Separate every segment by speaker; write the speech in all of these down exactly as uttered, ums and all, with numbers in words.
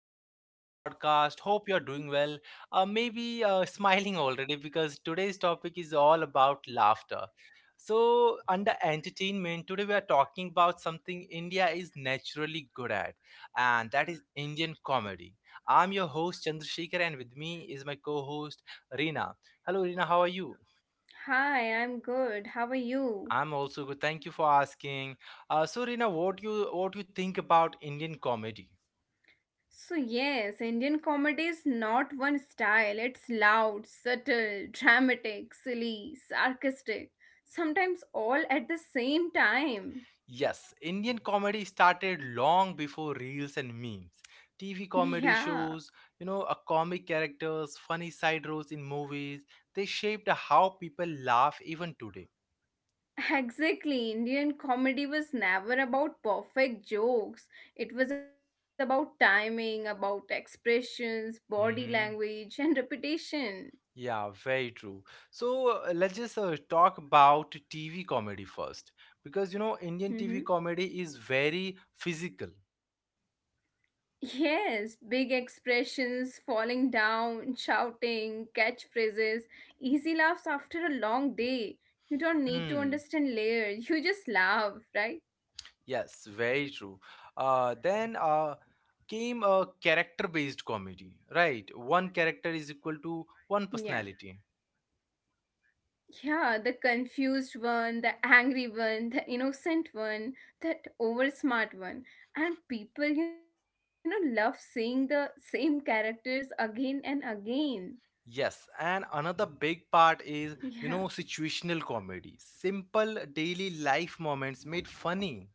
Speaker 1: back to the podcast. Hope you're doing well. Uh, maybe uh, smiling already because today's topic is all about laughter. So, under entertainment, today we are talking about something India is naturally good at, and that is Indian comedy. I'm your host, Chandrasekhar, and with me is my co host, Reena. Hello, Reena. How are you?
Speaker 2: Hi, I'm good. How are you?
Speaker 1: I'm also good. Thank you for asking. Uh, so, Reena, what you what you think about Indian comedy?
Speaker 2: So, yes, Indian comedy is not one style. It's loud, subtle, dramatic, silly, sarcastic, sometimes all at the same time.
Speaker 1: Yes, Indian comedy started long before reels and memes. T V comedy
Speaker 2: Yeah,
Speaker 1: shows, you know, a comic characters, funny side roles in movies, they shaped how people laugh even today.
Speaker 2: exactly. Indian comedy was never about perfect jokes, it was about timing, about expressions, body
Speaker 1: Hmm.
Speaker 2: language, and repetition.
Speaker 1: Yeah, very true. So uh, let's just uh, talk about T V comedy first because you know, Indian T V
Speaker 2: Hmm.
Speaker 1: comedy is very physical.
Speaker 2: Yes, big expressions, falling down, shouting, catchphrases, easy laughs after a long day. You don't need to
Speaker 1: Hmm.
Speaker 2: understand layers, you just laugh, right?
Speaker 1: Yes, very true. Uh, then uh, came a character based comedy, right? One character is equal to
Speaker 2: Yeah.
Speaker 1: one personality.
Speaker 2: Yeah, the confused one, the angry one, the innocent one, that over smart one. And people, you know, love seeing the same characters again and again.
Speaker 1: Yes, and another big part is,
Speaker 2: Yeah.
Speaker 1: you know, situational comedy. Simple daily life moments made funny.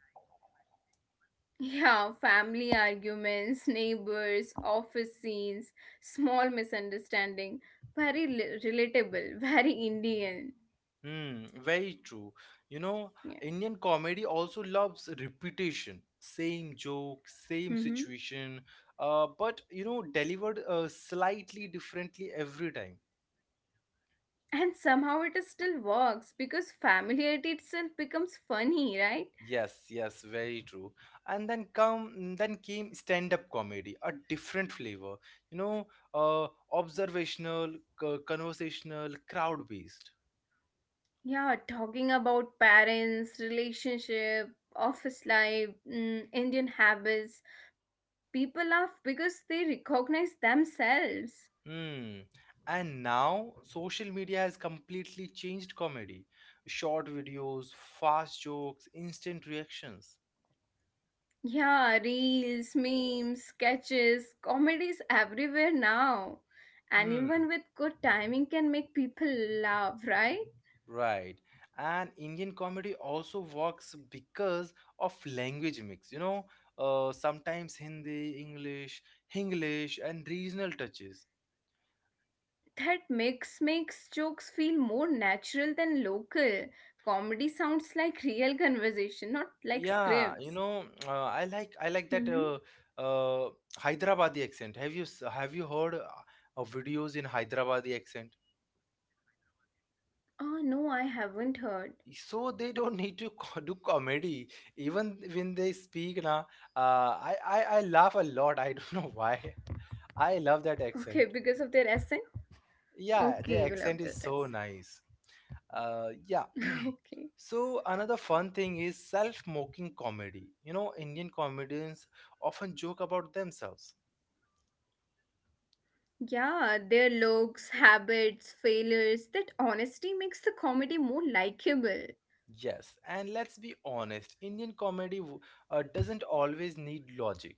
Speaker 2: Yeah, family arguments, neighbors, office scenes, small misunderstanding. Very li- relatable, very Indian.
Speaker 1: Hmm, very true. You know,
Speaker 2: Yeah.
Speaker 1: Indian comedy also loves repetition. Same joke, same
Speaker 2: Hmm.
Speaker 1: situation, uh, but, you know, delivered uh, slightly differently every time.
Speaker 2: And somehow it still works because familiarity itself becomes funny, right?
Speaker 1: Yes, yes, very true. And then come, then came stand-up comedy, a different flavor, you know, uh, observational, co- conversational, crowd-based.
Speaker 2: Yeah, talking about parents, relationship, office life, mm, Indian habits. People laugh because they recognize themselves.
Speaker 1: Hmm. And now social media has completely changed comedy. Short videos, fast jokes, instant reactions.
Speaker 2: Yeah, reels, memes, sketches, comedies everywhere now.
Speaker 1: Hmm.
Speaker 2: Anyone with good timing can make people laugh, right?
Speaker 1: Right. And Indian comedy also works because of language mix, you know, uh, sometimes Hindi, English, Hinglish, and regional touches.
Speaker 2: That mix makes jokes feel more natural than local. Comedy sounds like real conversation, not like
Speaker 1: Yeah, you
Speaker 2: scripts.
Speaker 1: know, uh, I like I like that
Speaker 2: Mm-hmm.
Speaker 1: uh, uh, Hyderabadi accent. Have you s- have you heard uh, of videos in Hyderabadi accent?
Speaker 2: Oh, no, I haven't heard.
Speaker 1: So they don't need to co- do comedy. Even when they speak, na, uh, I, I I laugh a lot. I don't know why. I love
Speaker 2: Okay,
Speaker 1: that
Speaker 2: because of
Speaker 1: accent.
Speaker 2: their essay? Okay, you
Speaker 1: Yeah, the
Speaker 2: love that
Speaker 1: accent
Speaker 2: essay.
Speaker 1: is so nice. Uh, yeah.
Speaker 2: Okay.
Speaker 1: So another fun thing is self-mocking comedy. You know, Indian comedians often joke about themselves.
Speaker 2: Yeah, their looks, habits, failures, that honesty makes the comedy more likable.
Speaker 1: Yes, and let's be honest, Indian comedy w- uh, doesn't always need logic.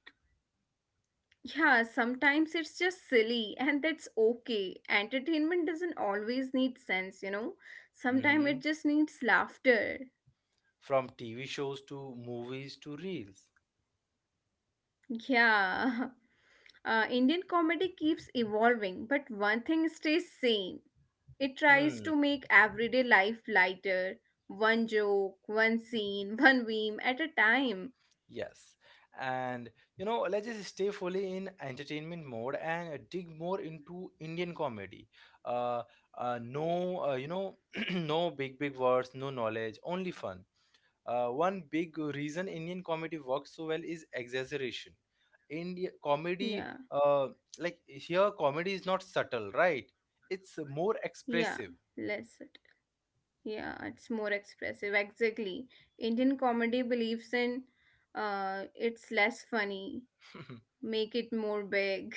Speaker 2: Yeah, sometimes it's just silly, and that's okay. Entertainment doesn't always need sense, you know? Sometimes it
Speaker 1: Hmm.
Speaker 2: just needs laughter.
Speaker 1: From T V shows to movies to reels.
Speaker 2: Yeah. Uh, Indian comedy keeps evolving, but one thing stays same. It tries
Speaker 1: Hmm.
Speaker 2: to make everyday life lighter, one joke, one scene, one meme at a time.
Speaker 1: Yes. And you know, let's just stay fully in entertainment mode and uh, dig more into Indian comedy. Uh, uh, no, uh, you know, no big, big words, no knowledge, only fun. Uh, one big reason Indian comedy works so well is exaggeration. India comedy,
Speaker 2: Yeah.
Speaker 1: uh, like here, comedy is not subtle, right? It's more
Speaker 2: Yeah,
Speaker 1: expressive.
Speaker 2: less subtle. Yeah, it's more expressive. Exactly. Indian comedy believes in uh it's less funny, make it more big.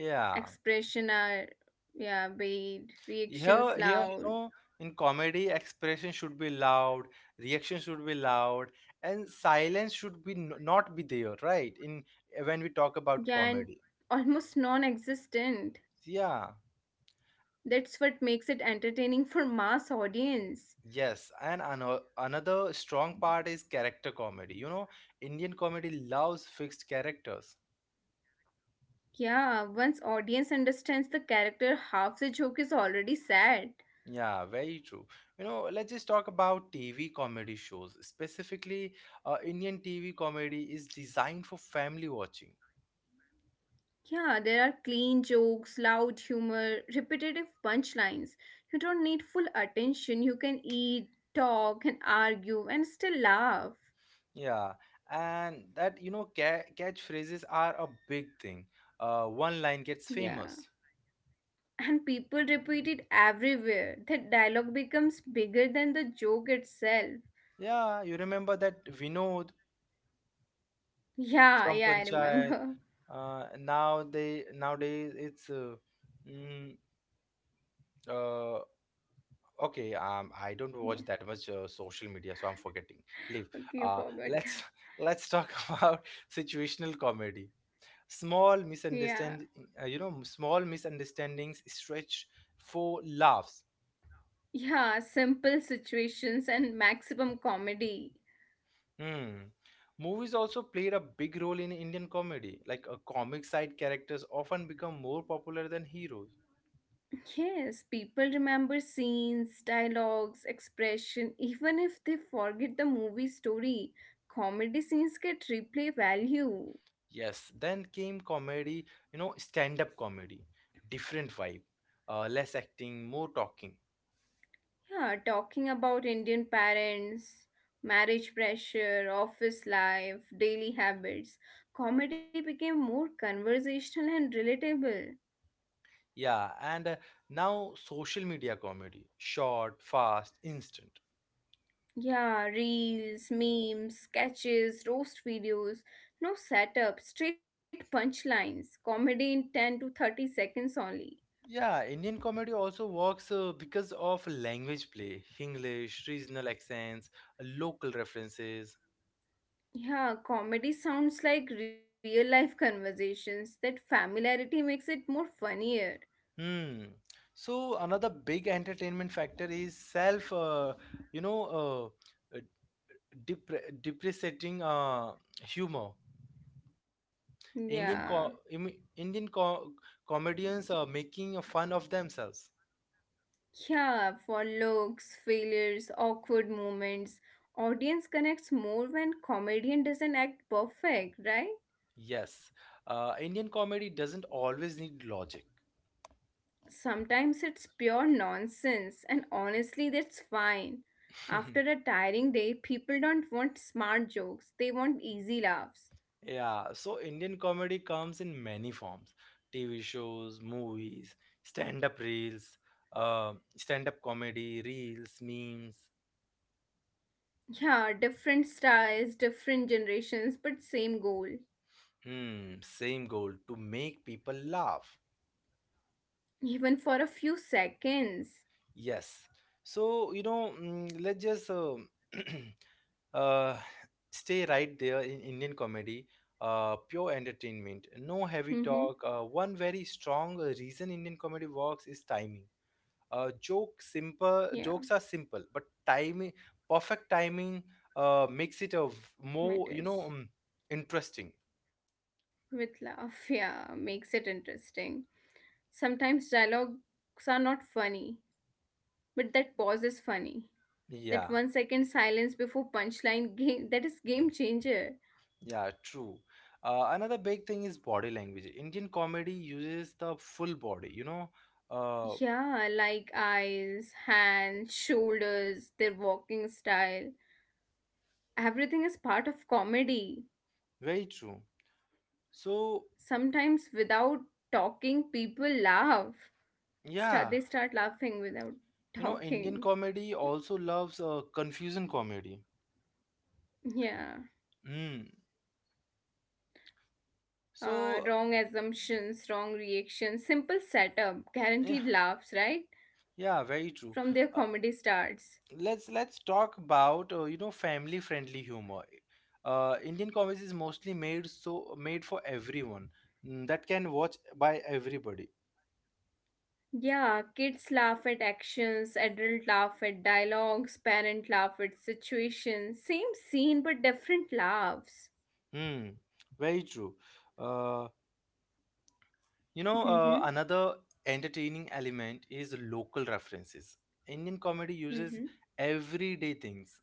Speaker 2: Expression are yeah, big, reactions
Speaker 1: Here, here, you
Speaker 2: loud.
Speaker 1: know, in comedy, expression should be loud, reaction should be loud, and silence should be n- not be there, right? In When we talk about
Speaker 2: Yeah, and
Speaker 1: comedy,
Speaker 2: almost non-existent.
Speaker 1: yeah,
Speaker 2: That's what makes it entertaining for mass audience.
Speaker 1: yes, and ano another strong part is character comedy. You know, Indian comedy loves fixed characters.
Speaker 2: Yeah, once audience understands the character, half the joke is already sad.
Speaker 1: Yeah, very true. You know, let's just talk about T V comedy shows. Specifically, uh, Indian T V comedy is designed for family watching.
Speaker 2: Yeah, there are clean jokes, loud humor, repetitive punchlines. You don't need full attention. You can eat, talk, and argue and still laugh.
Speaker 1: Yeah, and that you know ca- catchphrases are a big thing. Uh, one line gets
Speaker 2: Yeah.
Speaker 1: famous.
Speaker 2: And people repeat it everywhere. That dialogue becomes bigger than the joke itself.
Speaker 1: Yeah, you remember that Vinod
Speaker 2: Yeah,
Speaker 1: from
Speaker 2: yeah, I
Speaker 1: Panchayat.
Speaker 2: remember.
Speaker 1: Uh, now they nowadays it's uh, mm, uh, okay. Um, I don't
Speaker 2: Yeah.
Speaker 1: watch that much uh, social media, so I'm forgetting. Leave.
Speaker 2: Okay, you
Speaker 1: Uh,
Speaker 2: forgot.
Speaker 1: let's let's talk about situational comedy. Small
Speaker 2: Yeah.
Speaker 1: misunderstand, uh, you know, Small misunderstandings stretch for laughs.
Speaker 2: Yeah, simple situations and maximum comedy.
Speaker 1: Hmm. Movies also played a big role in Indian comedy. Like a comic side characters often become more popular than heroes.
Speaker 2: Yes, people remember scenes, dialogues, expression, even if they forget the movie story. Comedy scenes get replay value.
Speaker 1: Yes, then came comedy, you know, stand-up comedy, different vibe, uh, less acting, more talking.
Speaker 2: Yeah, talking about Indian parents, marriage pressure, office life, daily habits, comedy became more conversational and relatable.
Speaker 1: Yeah, and uh, now social media comedy, short, fast, instant.
Speaker 2: Yeah, reels, memes, sketches, roast videos, no setup, straight punchlines, comedy in ten to thirty seconds only.
Speaker 1: Yeah, Indian comedy also works uh, because of language play, English, regional accents, local references.
Speaker 2: Yeah, comedy sounds like real life conversations. That familiarity makes it more funnier.
Speaker 1: Hmm. So another big entertainment factor is self, uh, you know, uh, depre- depreciating uh, humor. Indian
Speaker 2: Yeah.
Speaker 1: co- Im- Indian co- comedians are making fun of themselves.
Speaker 2: Yeah, for looks, failures, awkward moments. Audience connects more when comedian doesn't act perfect, right?
Speaker 1: Yes, uh, Indian comedy doesn't always need logic.
Speaker 2: Sometimes it's pure nonsense, and honestly, that's fine. After a tiring day, people don't want smart jokes, they want easy laughs.
Speaker 1: Yeah, so Indian comedy comes in many forms: T V shows, movies, stand-up reels, uh, stand-up comedy, reels, memes.
Speaker 2: Yeah, different styles, different generations, but same goal.
Speaker 1: Hmm, same goal to make people laugh.
Speaker 2: Even for a few seconds.
Speaker 1: Yes. So, you know, mm, let's just uh, uh, stay right there in Indian comedy, uh, pure entertainment, no heavy
Speaker 2: Mm-hmm.
Speaker 1: talk. Uh, one very strong reason Indian comedy works is timing. Uh, joke Simple
Speaker 2: Yeah,
Speaker 1: jokes are simple, but timing, perfect timing, uh, makes it a v- more you know
Speaker 2: matters.
Speaker 1: um, interesting.
Speaker 2: With love, yeah, makes it interesting. Sometimes dialogues are not funny, but that pause is funny. That
Speaker 1: Yeah.
Speaker 2: one second silence before punchline game, that is game changer.
Speaker 1: Yeah, true. Uh, another big thing is body language. Indian comedy uses the full body, you know. Uh,
Speaker 2: Yeah, like eyes, hands, shoulders, their walking style. Everything is part of comedy.
Speaker 1: Very true. So,
Speaker 2: Sometimes without talking, people laugh.
Speaker 1: yeah,
Speaker 2: Start, they start laughing without
Speaker 1: you know, Indian
Speaker 2: talking.
Speaker 1: comedy also loves uh, confusion comedy.
Speaker 2: Yeah.
Speaker 1: Mm.
Speaker 2: Uh,
Speaker 1: So,
Speaker 2: wrong assumptions, wrong reactions, simple setup,
Speaker 1: yeah,
Speaker 2: guaranteed laughs, right?
Speaker 1: yeah, very true.
Speaker 2: From
Speaker 1: Uh,
Speaker 2: their comedy starts.
Speaker 1: let's let's talk about uh, you know family-friendly humor. Uh, Indian comedy is mostly made so made for everyone, mm, that can watch by everybody.
Speaker 2: Yeah, kids laugh at actions, adult laugh at dialogues, parent laugh at situations. Same scene but different laughs.
Speaker 1: Hmm, very true. Uh, You know, uh,
Speaker 2: Mm-hmm.
Speaker 1: another entertaining element is local references. Indian comedy uses
Speaker 2: Mm-hmm.
Speaker 1: everyday things.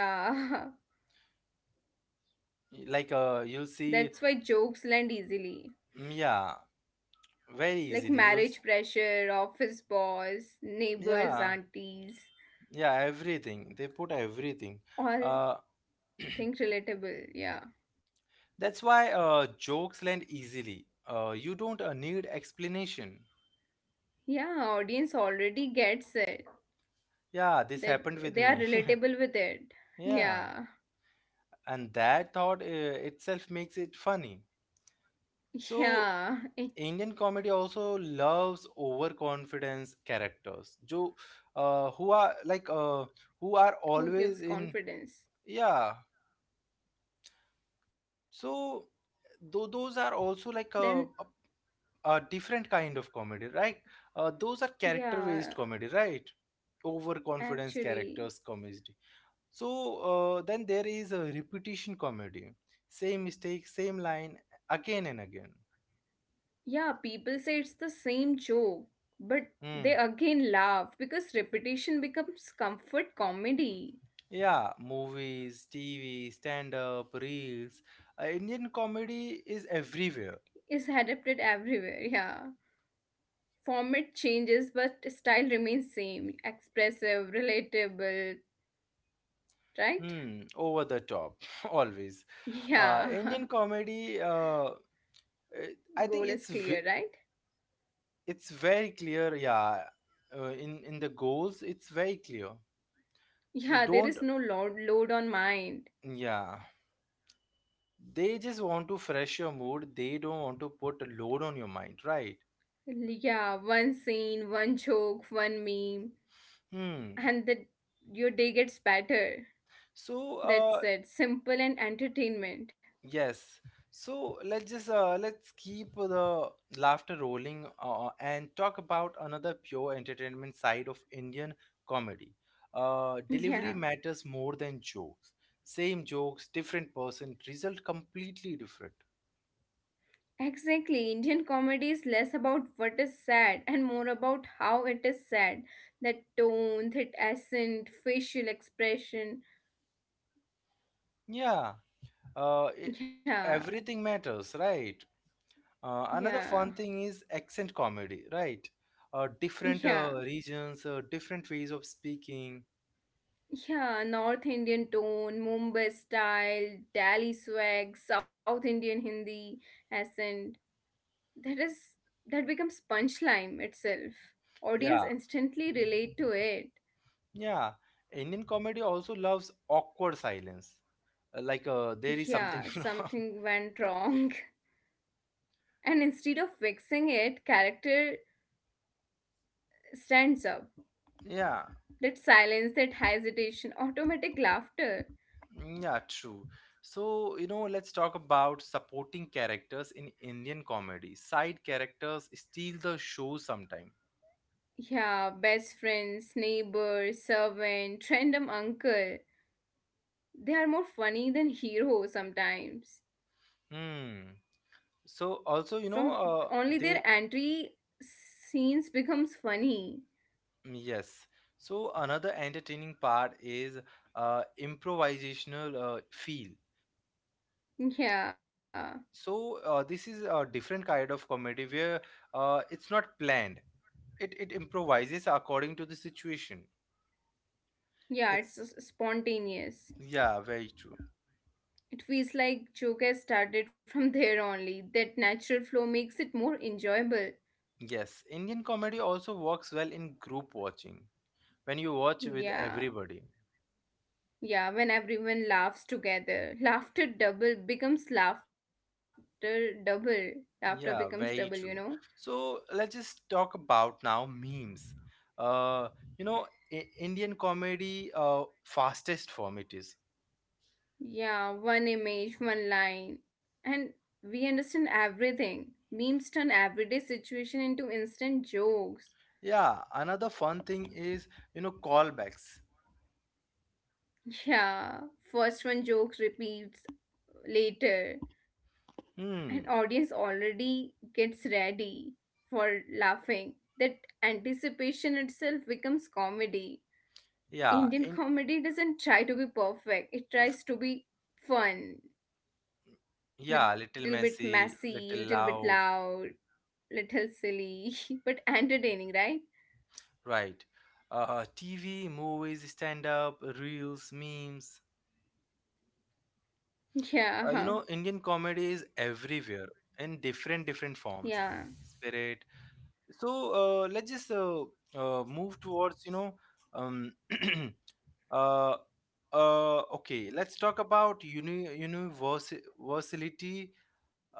Speaker 2: Yeah,
Speaker 1: Like uh, you'll see,
Speaker 2: that's why jokes land easily.
Speaker 1: mm, yeah, very easily.
Speaker 2: Like
Speaker 1: You'll, s-
Speaker 2: marriage pressure, office boss,
Speaker 1: yeah,
Speaker 2: neighbors, aunties,
Speaker 1: yeah, everything. They put everything. Uh,
Speaker 2: all things relatable. Yeah.
Speaker 1: that's why uh, jokes land easily. Uh, you don't uh, need explanation.
Speaker 2: Yeah, audience already gets it.
Speaker 1: Yeah, this
Speaker 2: That
Speaker 1: happened with
Speaker 2: they are
Speaker 1: me.
Speaker 2: relatable with it.
Speaker 1: Yeah,
Speaker 2: Yeah.
Speaker 1: and that thought uh, itself makes it funny. So
Speaker 2: Yeah. Eh,
Speaker 1: Indian comedy also loves over confidence characters जो who are like who are
Speaker 2: who
Speaker 1: always in
Speaker 2: gives confidence?
Speaker 1: Yeah so though those are also like
Speaker 2: Then,
Speaker 1: a different kind of comedy, right? Uh, those are character based
Speaker 2: yeah,
Speaker 1: comedy, right? Overconfidence characters
Speaker 2: actually,
Speaker 1: comedy. So uh, then there is a repetition comedy. Same mistake, same line, again and again.
Speaker 2: yeah, people say it's the same joke, but they
Speaker 1: Hmm.
Speaker 2: again laugh because repetition becomes comfort comedy
Speaker 1: Yeah, movies, T V, stand up, reels. Uh, Indian comedy is everywhere.
Speaker 2: is adapted everywhere. Yeah. Format changes, but style remains same. Expressive, relatable, right?
Speaker 1: Hmm, over the top, always. Uh, Indian
Speaker 2: Yeah,
Speaker 1: comedy, uh, it- I
Speaker 2: goal is
Speaker 1: think it's
Speaker 2: clear,
Speaker 1: ve-
Speaker 2: right?
Speaker 1: it's very clear. Yeah, uh, in in the goals, it's very clear. So
Speaker 2: Yeah, there
Speaker 1: don't.
Speaker 2: is no load load on mind.
Speaker 1: Yeah, they just want to fresh your mood. They don't want to put a load on your mind, right?
Speaker 2: Yeah, one scene, one joke, one meme,
Speaker 1: Hmm.
Speaker 2: and that your day gets better.
Speaker 1: So, uh,
Speaker 2: That's it. Simple and entertainment.
Speaker 1: Yes. So let's just uh, let's keep the laughter rolling uh, and talk about another pure entertainment side of Indian comedy. Uh, delivery
Speaker 2: Yeah.
Speaker 1: matters more than jokes. Same jokes, different person, result completely different.
Speaker 2: Exactly. Indian comedy is less about what is said and more about how it is said. The tone, the accent, facial expression.
Speaker 1: Yeah. Uh, it,
Speaker 2: Yeah,
Speaker 1: Everything matters, right? Uh, another
Speaker 2: yeah,
Speaker 1: fun thing is accent comedy, right? Uh, different
Speaker 2: yeah.
Speaker 1: uh, regions, uh, different ways of speaking.
Speaker 2: Yeah, North Indian tone, Mumbai style, Delhi swag, South Indian Hindi accent. That is that becomes punchline itself. Audience
Speaker 1: Yeah.
Speaker 2: instantly relate to it.
Speaker 1: Yeah, Indian comedy also loves awkward silence. Uh, Like uh, there is something,
Speaker 2: Yeah,
Speaker 1: you know.
Speaker 2: something went wrong. And instead of fixing it, character stands up.
Speaker 1: Yeah,
Speaker 2: That silence, that hesitation, automatic laughter.
Speaker 1: yeah, true. So, you know, let's talk about supporting characters in Indian comedy. Side characters steal the show sometime.
Speaker 2: Yeah, best friends, neighbors, servant, random uncle. They are more funny than heroes sometimes.
Speaker 1: Hmm. So also, you
Speaker 2: From
Speaker 1: know, uh,
Speaker 2: only their
Speaker 1: they
Speaker 2: entry scenes becomes funny.
Speaker 1: yes. So another entertaining part is uh, improvisational uh, feel.
Speaker 2: Yeah,
Speaker 1: So uh, this is a different kind of comedy where uh, it's not planned. It it improvises according to the situation.
Speaker 2: yeah, it's
Speaker 1: It's
Speaker 2: s- spontaneous.
Speaker 1: Yeah, very true.
Speaker 2: It feels like joke has started from there only. That natural flow makes it more enjoyable.
Speaker 1: Yes, Indian comedy also works well in group watching when you watch with
Speaker 2: Yeah.
Speaker 1: everybody.
Speaker 2: Yeah, when everyone laughs together, laughter double becomes laughter double. Laughter
Speaker 1: Yeah,
Speaker 2: becomes
Speaker 1: very
Speaker 2: double, you
Speaker 1: true.
Speaker 2: know?
Speaker 1: So let's just talk about now memes. uh you know, I- Indian comedy, uh fastest form it is.
Speaker 2: Yeah, one image, one line. And we understand everything. Memes turn everyday situation into instant jokes.
Speaker 1: Yeah, another fun thing is, you know, callbacks.
Speaker 2: Yeah, first one joke repeats later. And
Speaker 1: Hmm.
Speaker 2: audience already gets ready for laughing. That anticipation itself becomes comedy.
Speaker 1: Yeah,
Speaker 2: Indian
Speaker 1: in
Speaker 2: comedy doesn't try to be perfect. It
Speaker 1: v-
Speaker 2: tries to be fun,
Speaker 1: yeah, little
Speaker 2: little bit
Speaker 1: messy,
Speaker 2: messy,
Speaker 1: little
Speaker 2: little bit
Speaker 1: loud.
Speaker 2: loud, little silly, but entertaining, right?
Speaker 1: Right. Uh, T V, movies, stand up, reels, memes. Uh, you
Speaker 2: Yeah,
Speaker 1: know, Indian comedy is everywhere in different different
Speaker 2: yeah,
Speaker 1: forms, spirit. So uh, let's just uh, uh, move towards you know. Um, uh, uh, okay, let's talk about uni- universality.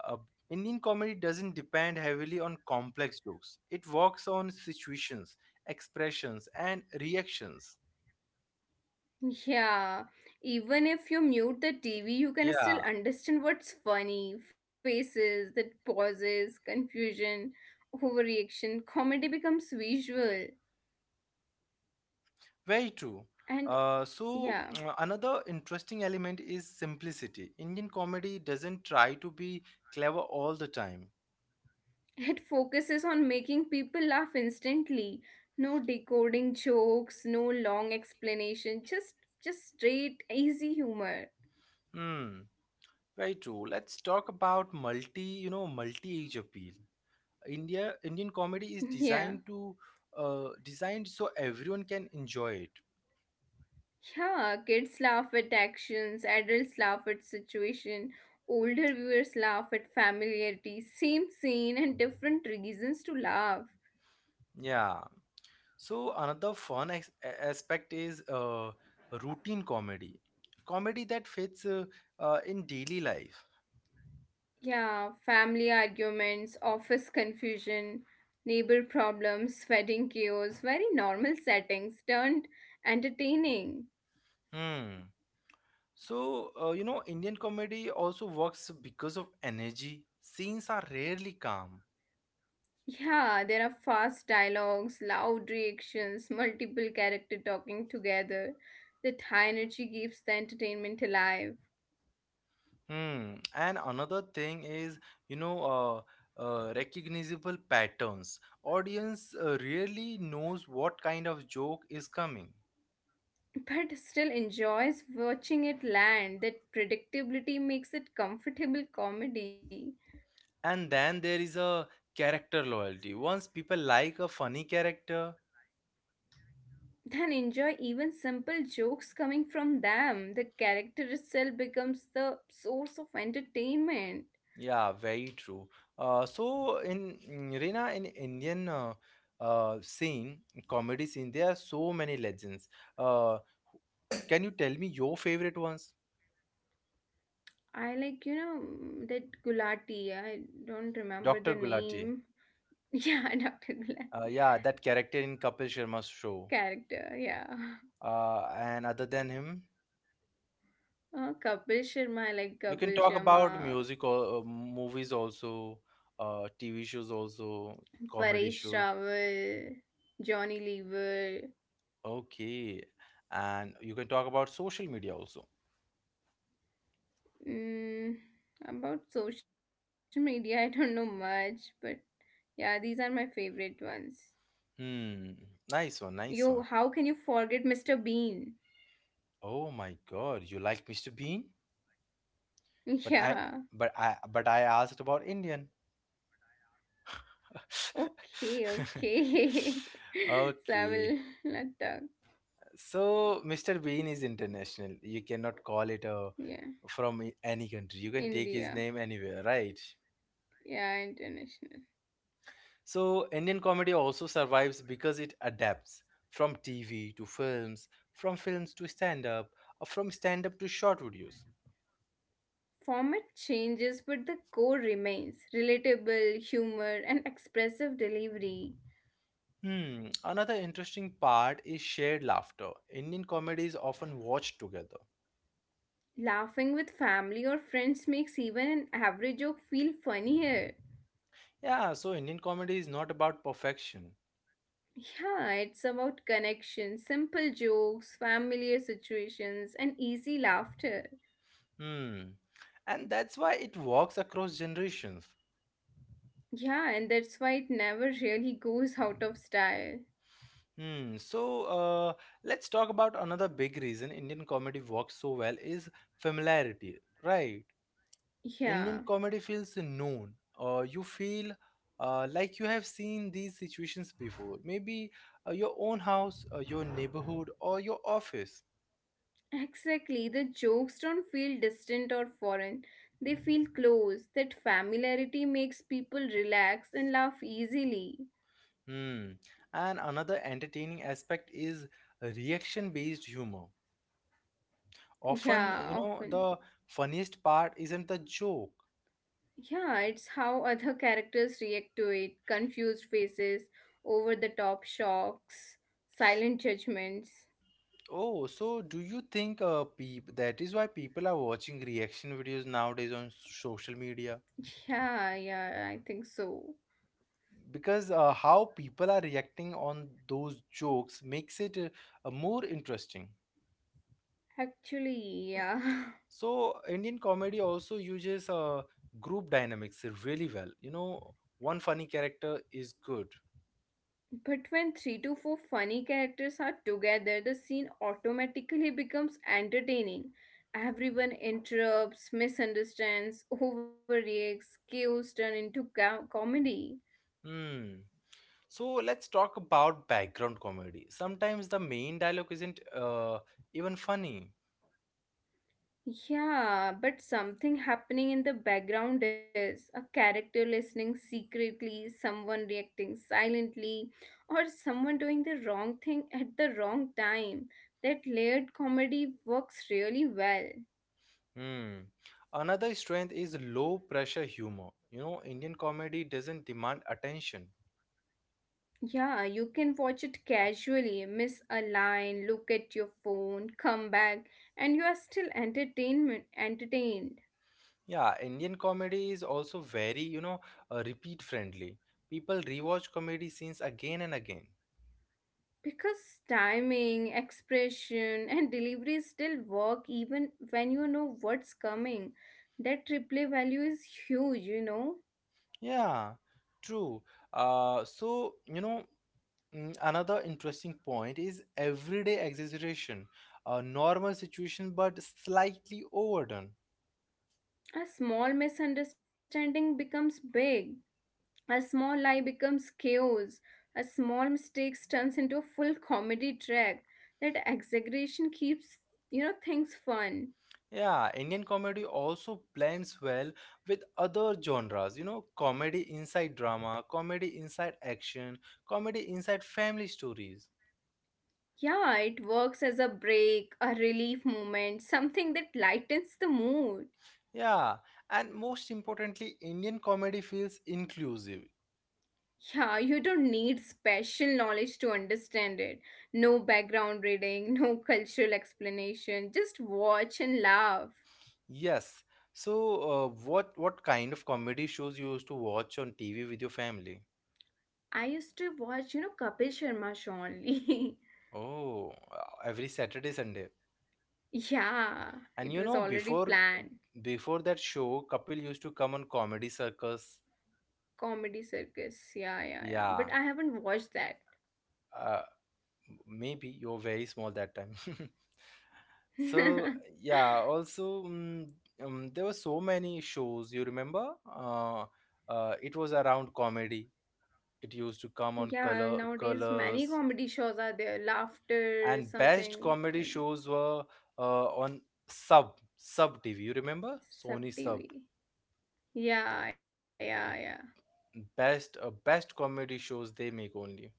Speaker 1: Uh, Indian comedy doesn't depend heavily on complex jokes. It works on situations, expressions, and reactions.
Speaker 2: yeah. Even if you mute the T V, you can still
Speaker 1: Yeah.
Speaker 2: understand what's funny. Faces, that pauses, confusion, overreaction. Comedy becomes visual,
Speaker 1: Very true.
Speaker 2: and
Speaker 1: Uh, so,
Speaker 2: yeah.
Speaker 1: another interesting element is simplicity. Indian comedy doesn't try to be clever all the time.
Speaker 2: It focuses on making people laugh instantly. No decoding jokes, no long explanation, just just straight easy humor.
Speaker 1: Hmm. Very true. Let's talk about multi, you know, multi-age appeal. India Indian comedy is
Speaker 2: Yeah.
Speaker 1: designed to uh, designed so everyone can enjoy it.
Speaker 2: Yeah, kids laugh at actions, adults laugh at situation, older viewers laugh at familiarity, same scene and different reasons to laugh.
Speaker 1: Yeah. So another fun ex- a- aspect is uh, routine comedy. Comedy that fits uh, uh, in daily life.
Speaker 2: Yeah, family arguments, office confusion, neighbor problems, wedding chaos, very normal settings turned entertaining.
Speaker 1: Hmm. So, uh, you know, Indian comedy also works because of energy. Scenes are rarely calm.
Speaker 2: Yeah, there are fast dialogues, loud reactions, multiple characters talking together. That high energy keeps the entertainment alive,
Speaker 1: Hmm. And another thing is, you know, uh, uh, recognizable patterns. Audience uh, rarely knows what kind of joke is coming.
Speaker 2: but still enjoys watching it land. That predictability makes it comfortable comedy.
Speaker 1: And then there is a character loyalty. Once people like a funny character,
Speaker 2: Then enjoy even simple jokes coming from them. The character itself becomes the source of entertainment.
Speaker 1: yeah, very true. Uh, so in mm, Reena, in Indian uh, uh, scene, comedy scene, there are so many legends. Uh, can you tell me your favorite ones?
Speaker 2: I like, you know, that Gulati. I don't remember
Speaker 1: doctor
Speaker 2: the
Speaker 1: Gulati.
Speaker 2: name. Yeah, doctor
Speaker 1: Uh,
Speaker 2: Gulati.
Speaker 1: yeah, that character in Kapil Sharma's show.
Speaker 2: Character, yeah.
Speaker 1: Uh, and other than him,
Speaker 2: Uh, Kapil Sharma, I like
Speaker 1: you can
Speaker 2: Kapil
Speaker 1: talk about
Speaker 2: Sharma,
Speaker 1: music or uh, movies also, uh, T V shows also, comedy
Speaker 2: Paresh
Speaker 1: shows.
Speaker 2: Rawal, Johnny Lever.
Speaker 1: Okay. And you can talk about social media also.
Speaker 2: Mm, about social media, I don't know much, but yeah, these are my favorite ones.
Speaker 1: Hmm. Nice one, nice one.
Speaker 2: Yo, how can you forget mister Bean?
Speaker 1: Oh my God, you like mister Bean? But I
Speaker 2: Yeah.
Speaker 1: but I but I asked about Indian.
Speaker 2: Okay, okay. So I will
Speaker 1: Okay.
Speaker 2: not talk.
Speaker 1: So mister Bean is international. You cannot call it a
Speaker 2: Yeah.
Speaker 1: from a- any country. You can take his
Speaker 2: India.
Speaker 1: name anywhere, right?
Speaker 2: Yeah, international.
Speaker 1: So Indian comedy also survives because it adapts from T V to films, from films to stand up, or from stand up to short videos.
Speaker 2: Format changes, but the core remains relatable, humor, and expressive delivery.
Speaker 1: Hmm. Another interesting part is shared laughter. Indian comedy is often watched together.
Speaker 2: Laughing with family or friends makes even an average joke feel funnier.
Speaker 1: Yeah, so Indian comedy is not about perfection.
Speaker 2: Yeah, it's about connection, simple jokes, familiar situations, and easy laughter.
Speaker 1: Hmm. And that's why it works across generations.
Speaker 2: Yeah, and that's why it never really goes out of style.
Speaker 1: Hmm. So uh, let's talk about another big reason Indian comedy works so well is familiarity, right? Indian
Speaker 2: Yeah.
Speaker 1: comedy feels known. Uh, you feel uh, like you have seen these situations before. Maybe uh, your own house, uh, your neighborhood, or your office.
Speaker 2: Exactly. The jokes don't feel distant or foreign. They feel close. That familiarity makes people relax and laugh easily.
Speaker 1: Hmm. And another entertaining aspect is reaction based humor. Often, you
Speaker 2: Yeah,
Speaker 1: know, the
Speaker 2: often.
Speaker 1: funniest part isn't the joke.
Speaker 2: Yeah, it's how other characters react to it, confused faces, over the top shocks, silent judgments.
Speaker 1: Oh, so do you think uh, peop that is why people are watching reaction videos nowadays on social media?
Speaker 2: Yeah, yeah, I think so.
Speaker 1: Because uh, how people are reacting on those jokes makes it uh, uh, more interesting.
Speaker 2: Actually, yeah.
Speaker 1: So Indian comedy also uses uh, group dynamics really well. You know, one funny character is good.
Speaker 2: But when three to four funny characters are together, the scene automatically becomes entertaining. Everyone interrupts, misunderstands, overreacts, chaos turn into co- comedy.
Speaker 1: Hmm. So let's talk about background comedy. Sometimes the main dialogue isn't uh, even funny.
Speaker 2: Yeah, but something happening in the background is a character listening secretly, someone reacting silently, or someone doing the wrong thing at the wrong time. That layered comedy works really well.
Speaker 1: Hmm. Another strength is low pressure humor. You know, Indian comedy doesn't demand attention.
Speaker 2: Yeah, you can watch it casually, miss a line, look at your phone, come back, and you are still entertainment entertained.
Speaker 1: Yeah, Indian comedy is also very, you know, uh, repeat friendly. People rewatch comedy scenes again and again.
Speaker 2: Because timing, expression, and delivery still work even when you know what's coming. That replay value is huge, you know.
Speaker 1: Yeah, true. Uh, so, you know, Mm, Another interesting point is everyday exaggeration, a normal situation but slightly overdone.
Speaker 2: A small misunderstanding becomes big. A small lie becomes chaos. A small mistake turns into a full comedy track. That exaggeration keeps, you know, things fun.
Speaker 1: Yeah, Indian comedy also blends well with other genres, you know, comedy inside drama, comedy inside action, comedy inside family stories.
Speaker 2: Yeah, it works as a break, a relief moment, something that lightens the mood.
Speaker 1: Yeah, and most importantly, Indian comedy feels inclusive.
Speaker 2: Yeah, you don't need special knowledge to understand it. No background reading, no cultural explanation. Just watch and laugh.
Speaker 1: Yes. So, uh, what what kind of comedy shows you used to watch on T V with your family?
Speaker 2: I used to watch, you know, Kapil Sharma show only.
Speaker 1: Oh, uh, every Saturday, Sunday.
Speaker 2: Yeah,
Speaker 1: And
Speaker 2: it
Speaker 1: you
Speaker 2: was
Speaker 1: know,
Speaker 2: already
Speaker 1: before
Speaker 2: planned.
Speaker 1: before that show, Kapil used to come on Comedy Circus.
Speaker 2: Comedy circus. Yeah, yeah, yeah. But
Speaker 1: Yeah,
Speaker 2: I haven't watched that.
Speaker 1: uh, maybe you were very small that time. So yeah, also mm, um, there were so many shows. You remember? Uh, uh, it was around comedy. It used to come on
Speaker 2: Yeah,
Speaker 1: color
Speaker 2: nowadays many
Speaker 1: colors
Speaker 2: comedy shows are there. Laughter,
Speaker 1: and best
Speaker 2: something,
Speaker 1: comedy
Speaker 2: and
Speaker 1: shows were uh, on Sub Sub T V. You remember?
Speaker 2: sub
Speaker 1: Sony Sub.
Speaker 2: T V. Yeah, yeah, yeah.
Speaker 1: Best uh, best comedy shows they make only.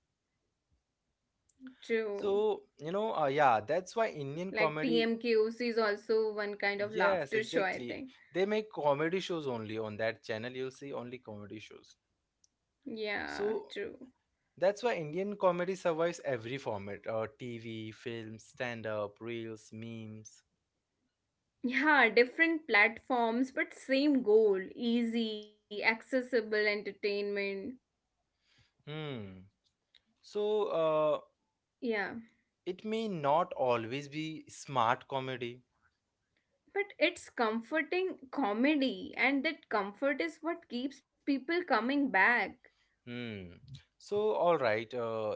Speaker 2: True.
Speaker 1: So, you know, uh, yeah, that's why Indian
Speaker 2: Like
Speaker 1: comedy,
Speaker 2: T M K O C is also one kind of
Speaker 1: yes,
Speaker 2: laughter show, I
Speaker 1: exactly.
Speaker 2: think.
Speaker 1: They make comedy shows only on that channel. You'll see only comedy shows.
Speaker 2: Yeah,
Speaker 1: So,
Speaker 2: true.
Speaker 1: that's why Indian comedy survives every format, uh, T V, films, stand-up, reels, memes.
Speaker 2: Yeah, different platforms, but same goal. Easy, accessible entertainment.
Speaker 1: Hmm. So, uh,
Speaker 2: Yeah.
Speaker 1: it may not always be smart comedy.
Speaker 2: But it's comforting comedy, and that comfort is what keeps people coming back.
Speaker 1: Hmm. So, all right. Uh,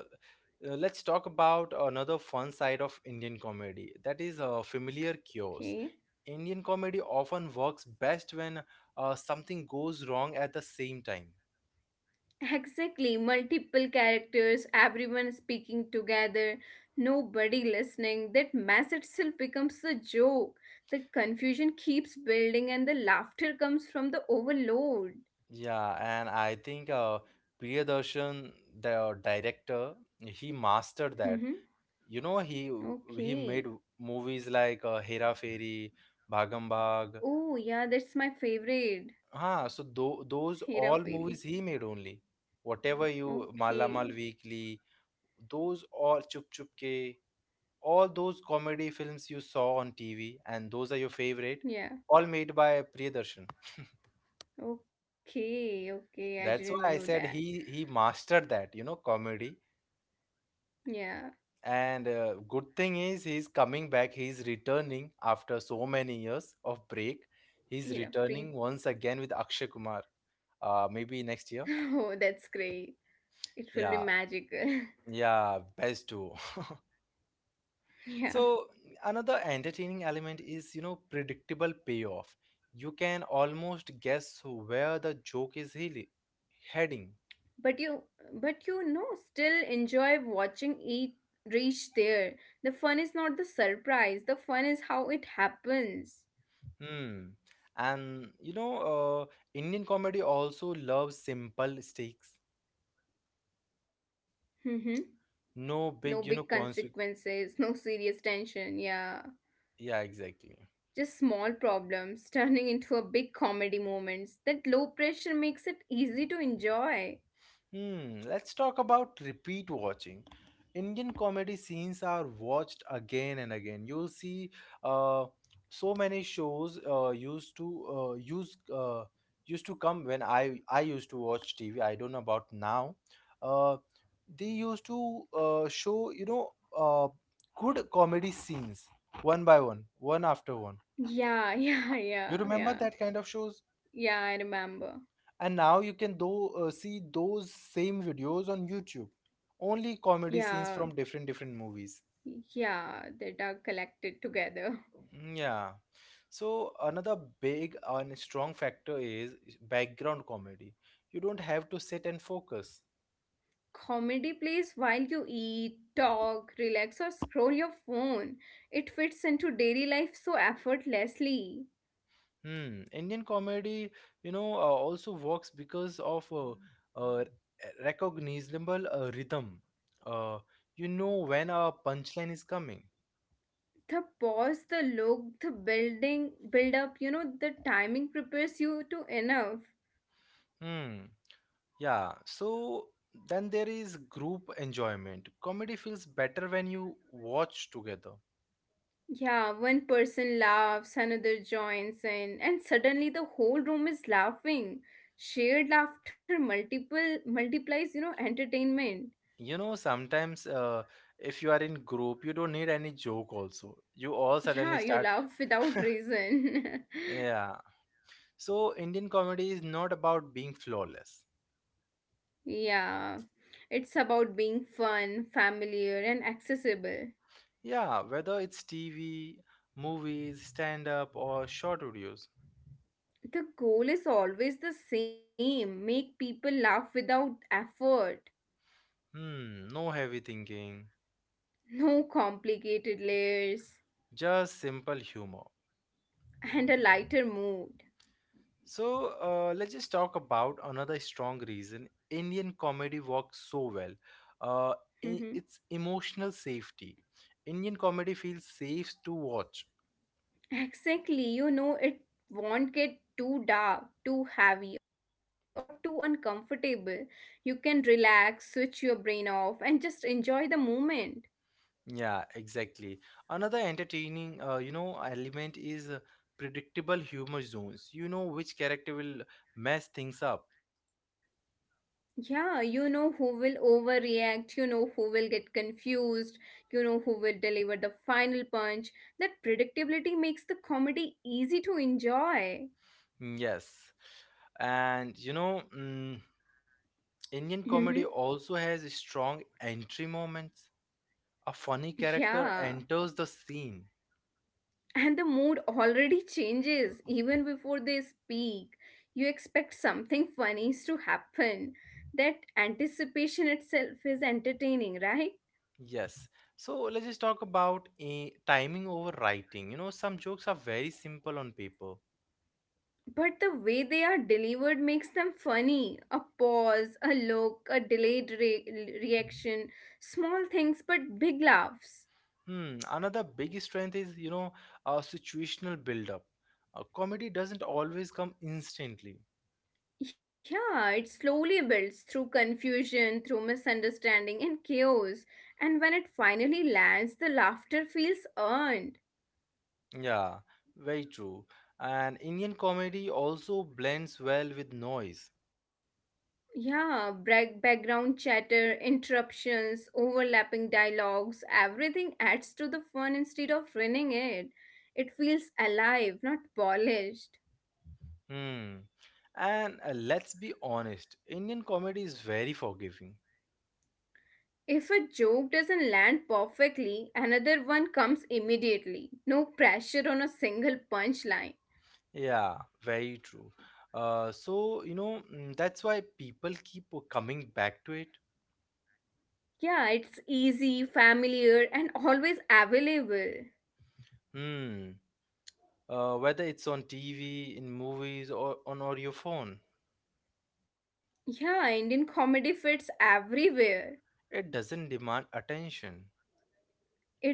Speaker 1: uh, Let's talk about another fun side of Indian comedy. That is uh, familiar chaos.
Speaker 2: Okay.
Speaker 1: Indian comedy often works best when uh, something goes wrong at the same time.
Speaker 2: Exactly. Multiple characters, everyone speaking together, nobody listening. That mess itself becomes a joke. The confusion keeps building, and the laughter comes from the overload.
Speaker 1: Yeah, and I think uh, Priyadarshan, the director, he mastered that.
Speaker 2: Mm-hmm.
Speaker 1: You know, he he
Speaker 2: Okay.
Speaker 1: made movies like uh, Hera Fairy, Bhagam Bhag.
Speaker 2: Oh, yeah, that's my favorite.
Speaker 1: Ah, so tho those
Speaker 2: Hera
Speaker 1: all
Speaker 2: Fairy.
Speaker 1: movies he made only. Whatever you Mala Mal
Speaker 2: Okay.
Speaker 1: Weekly, those all Chup Chup Ke, all those comedy films you saw on T V, and those are your favorite,
Speaker 2: Yeah.
Speaker 1: all made by Priyadarshan.
Speaker 2: Okay. Okay. I didn't
Speaker 1: That's
Speaker 2: knew
Speaker 1: why I
Speaker 2: that.
Speaker 1: said he he mastered that, you know, comedy.
Speaker 2: Yeah.
Speaker 1: And uh, good thing is he's coming back. He's returning after so many years of break. He's
Speaker 2: Hira
Speaker 1: returning once
Speaker 2: free.
Speaker 1: again with Akshay Kumar. Uh, maybe next year.
Speaker 2: Oh, that's great. It will be
Speaker 1: Yeah,
Speaker 2: magical.
Speaker 1: yeah, best duo.
Speaker 2: Yeah.
Speaker 1: So another entertaining element is, you know, predictable payoff. You can almost guess where the joke is heali- heading.
Speaker 2: But you but you know still enjoy watching it reach there. The fun is not the surprise. The fun is how it happens.
Speaker 1: Hmm. And you know, uh, Indian comedy also loves simple stakes.
Speaker 2: Mhm. No
Speaker 1: No
Speaker 2: big
Speaker 1: big, you know, consequence.
Speaker 2: consequences, no serious tension. Yeah.
Speaker 1: Yeah, exactly.
Speaker 2: Just small problems turning into a big comedy moments. That low pressure makes it easy to enjoy.
Speaker 1: Hmm, let's talk about repeat watching. Indian comedy scenes are watched again and again. You'll see uh, so many shows uh, used to uh, use uh, used to come when I I used to watch T V. I don't know about now. Uh, they used to uh, show you know uh, good comedy scenes one by one, one after one.
Speaker 2: Yeah, yeah,
Speaker 1: You
Speaker 2: yeah,
Speaker 1: remember
Speaker 2: yeah.
Speaker 1: that kind of shows?
Speaker 2: Yeah, I remember.
Speaker 1: And now you can do uh, see those same videos on YouTube. Only comedy scenes
Speaker 2: Yeah.
Speaker 1: from different different movies.
Speaker 2: Yeah, that are collected together.
Speaker 1: Mm, Yeah. So another big and strong factor is background comedy. You don't have to sit and focus.
Speaker 2: Comedy plays while you eat, talk, relax, or scroll your phone. It fits into daily life so effortlessly.
Speaker 1: Hmm. Indian comedy, you know, uh, also works because of a, a recognizable uh, rhythm. Uh, you know when a punchline is coming.
Speaker 2: The pause, the look, the building, build up, you know, the timing prepares you to enough.
Speaker 1: Hmm. Yeah, so then there is group enjoyment. Comedy feels better when you watch together.
Speaker 2: Yeah, one person laughs, another joins in, and suddenly the whole room is laughing. Shared laughter multiple multiplies, you know, entertainment.
Speaker 1: You know, sometimes uh, if you are in group, you don't need any joke also. You all suddenly
Speaker 2: Yeah, you
Speaker 1: start.
Speaker 2: laugh without reason.
Speaker 1: Yeah. So Indian comedy is not about being flawless.
Speaker 2: Yeah, it's about being fun, familiar, and accessible.
Speaker 1: Yeah, whether it's T V, movies, stand-up or short videos.
Speaker 2: The goal is always the same, make people laugh without effort,
Speaker 1: Hmm, no heavy thinking,
Speaker 2: no complicated layers,
Speaker 1: just simple humor.
Speaker 2: and a lighter mood.
Speaker 1: So uh, let's just talk about another strong reason Indian comedy works so well. Uh, i-
Speaker 2: Mhm.
Speaker 1: it's emotional safety. Indian comedy feels safe to watch.
Speaker 2: Exactly, you know, it won't get too dark, too heavy, or too uncomfortable. You can relax, switch your brain off, and just enjoy the moment.
Speaker 1: Yeah, exactly. Another entertaining, uh, you know, element is uh, predictable humor zones. You know which character will mess things up.
Speaker 2: Yeah, you know who will overreact, you know who will get confused, you know who will deliver the final punch. That predictability makes the comedy easy to enjoy.
Speaker 1: Mm, Yes, and you know, mm,
Speaker 2: Hmm.
Speaker 1: Indian comedy also has strong entry moments. A funny character
Speaker 2: Yeah,
Speaker 1: enters the scene.
Speaker 2: and the mood already changes even before they speak. You expect something funny to happen. That anticipation itself is entertaining, right?
Speaker 1: Yes. So let's just talk about a timing over writing. You know, some jokes are very simple on paper.
Speaker 2: But the way they are delivered makes them funny. A pause, a look, a delayed re- reaction, small things but big laughs.
Speaker 1: Hmm. Another big strength is, you know, uh, situational build-up. Uh, comedy doesn't always come instantly.
Speaker 2: Yeah, it slowly builds through confusion, through misunderstanding, and chaos. And when it finally lands, the laughter feels earned.
Speaker 1: Yeah, very true. And Indian comedy also blends well with noise.
Speaker 2: Yeah, bra- background chatter, interruptions, overlapping dialogues, everything adds to the fun instead of ruining it. It feels alive, not polished.
Speaker 1: Hmm. And uh, let's be honest, Indian comedy is very forgiving.
Speaker 2: If a joke doesn't land perfectly, another one comes immediately. No pressure on a single punchline.
Speaker 1: Yeah, very true. Uh, so you know mm, that's why people keep coming back to it.
Speaker 2: Yeah, it's easy, familiar, and always available.
Speaker 1: Hmm. Uh, whether it's on T V, in movies, or on or your phone,
Speaker 2: Yeah, Indian comedy fits everywhere.
Speaker 1: it doesn't demand attention.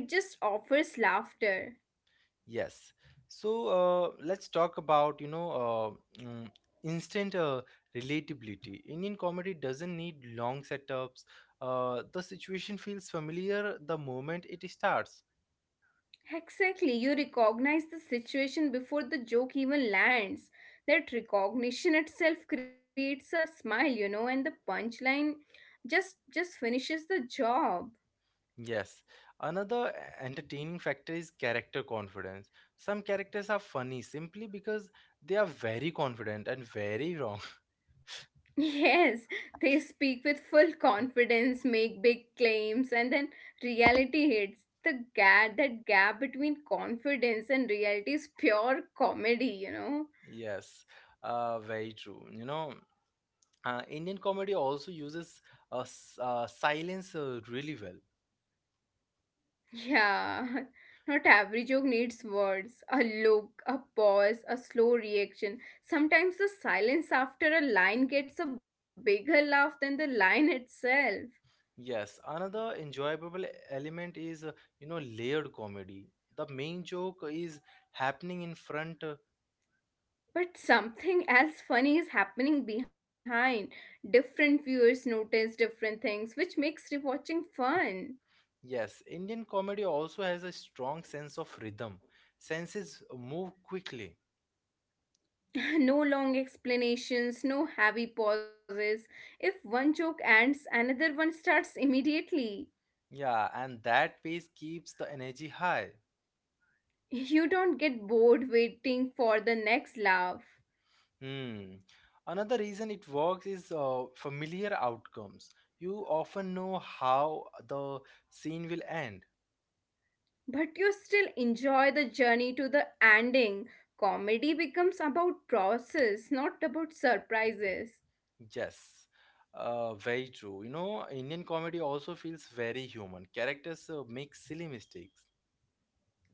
Speaker 2: It just offers laughter.
Speaker 1: Yes. So uh, let's talk about you know uh, mm, instant uh, relatability. Indian comedy doesn't need long setups. Uh, the situation feels familiar the moment it starts.
Speaker 2: Exactly, you recognize the situation before the joke even lands. That recognition itself creates a smile, you know, and the punchline just just finishes the job.
Speaker 1: Yes, another eh, entertaining factor is character confidence. Some characters are funny simply because they are very confident and very wrong.
Speaker 2: Yes, they speak with full confidence, make big claims, and then reality hits. The gap, that gap between confidence and reality is pure comedy, you know?
Speaker 1: Yes, uh, very true. You know, uh, Indian comedy also uses uh, s- uh, silence uh, really well.
Speaker 2: Yeah, not every joke needs words, a look, a pause, a slow reaction. Sometimes the silence after a line gets a bigger laugh than the line itself.
Speaker 1: Yes, another enjoyable element is, uh, you know, layered comedy. The main joke is happening in front. Uh,
Speaker 2: But something else funny is happening behind. Different viewers notice different things, which makes rewatching fun.
Speaker 1: yes, Indian comedy also has a strong sense of rhythm. Senses move quickly.
Speaker 2: No long explanations, no heavy pauses. If one joke ends, another one starts immediately.
Speaker 1: Yeah, and that pace keeps the energy high.
Speaker 2: You don't get bored waiting for the next laugh.
Speaker 1: Hmm. Another reason it works is uh, familiar outcomes. You often know how the scene will end.
Speaker 2: But you still enjoy the journey to the ending. Comedy becomes about process, not about surprises.
Speaker 1: Yes, uh, very true. You know, Indian comedy also feels very human. Characters uh, make silly mistakes.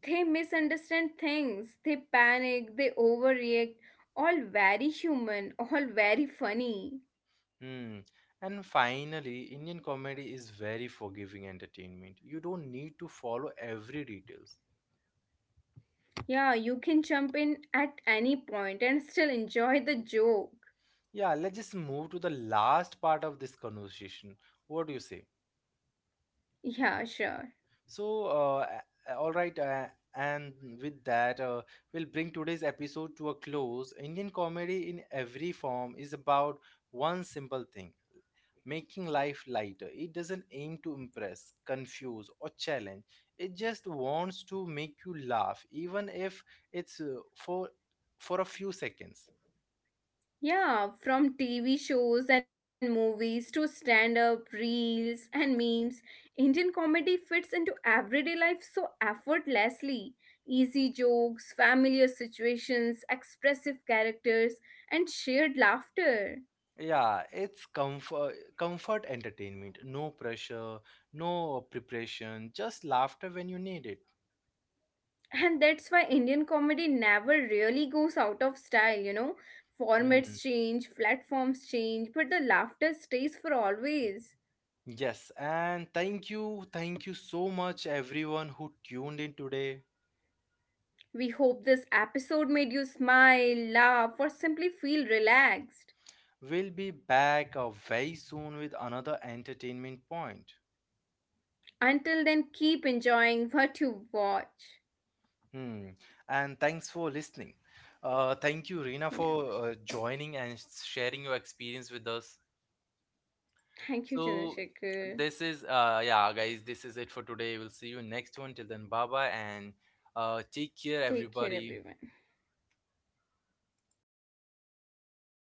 Speaker 2: They misunderstand things, they panic, they overreact, all very human, all very funny.
Speaker 1: Hmm. And finally, Indian comedy is very forgiving entertainment. You don't need to follow every details.
Speaker 2: Yeah, you can jump in at any point and still enjoy the joke.
Speaker 1: Yeah, let's just move to the last part of this conversation. What do you say?
Speaker 2: Yeah, sure.
Speaker 1: So, uh, a- all right, uh, and with that, uh, we'll bring today's episode to a close. Indian comedy in every form is about one simple thing making life lighter. It doesn't aim to impress, confuse, or challenge, it just wants to make you laugh, even if it's uh, for, for a few seconds.
Speaker 2: Yeah, from TV shows and movies to stand up, reels and memes, Indian comedy fits into everyday life so effortlessly. Easy jokes, familiar situations, expressive characters, and shared laughter.
Speaker 1: Yeah, it's comfort comfort entertainment. No pressure, no preparation, just laughter when you need it.
Speaker 2: And that's why Indian comedy never really goes out of style, you know.
Speaker 1: Hmm.
Speaker 2: Formats change, platforms change, but the laughter stays for always.
Speaker 1: Yes, and thank you, thank you so much everyone who tuned in today.
Speaker 2: We hope this episode made you smile, laugh, or simply feel relaxed.
Speaker 1: We'll be back uh, very soon with another entertainment point.
Speaker 2: Until then, keep enjoying what you watch.
Speaker 1: Hmm. And thanks for listening. Uh, thank you, Reena,
Speaker 2: Yeah,
Speaker 1: for uh, joining and sharing your experience with us.
Speaker 2: thank you,
Speaker 1: So
Speaker 2: Chandrasekhar.
Speaker 1: this is uh yeah guys, this is it for today. We'll see you next one. Till then, bye bye and uh take care
Speaker 2: Take care,
Speaker 1: everybody.
Speaker 2: everyone.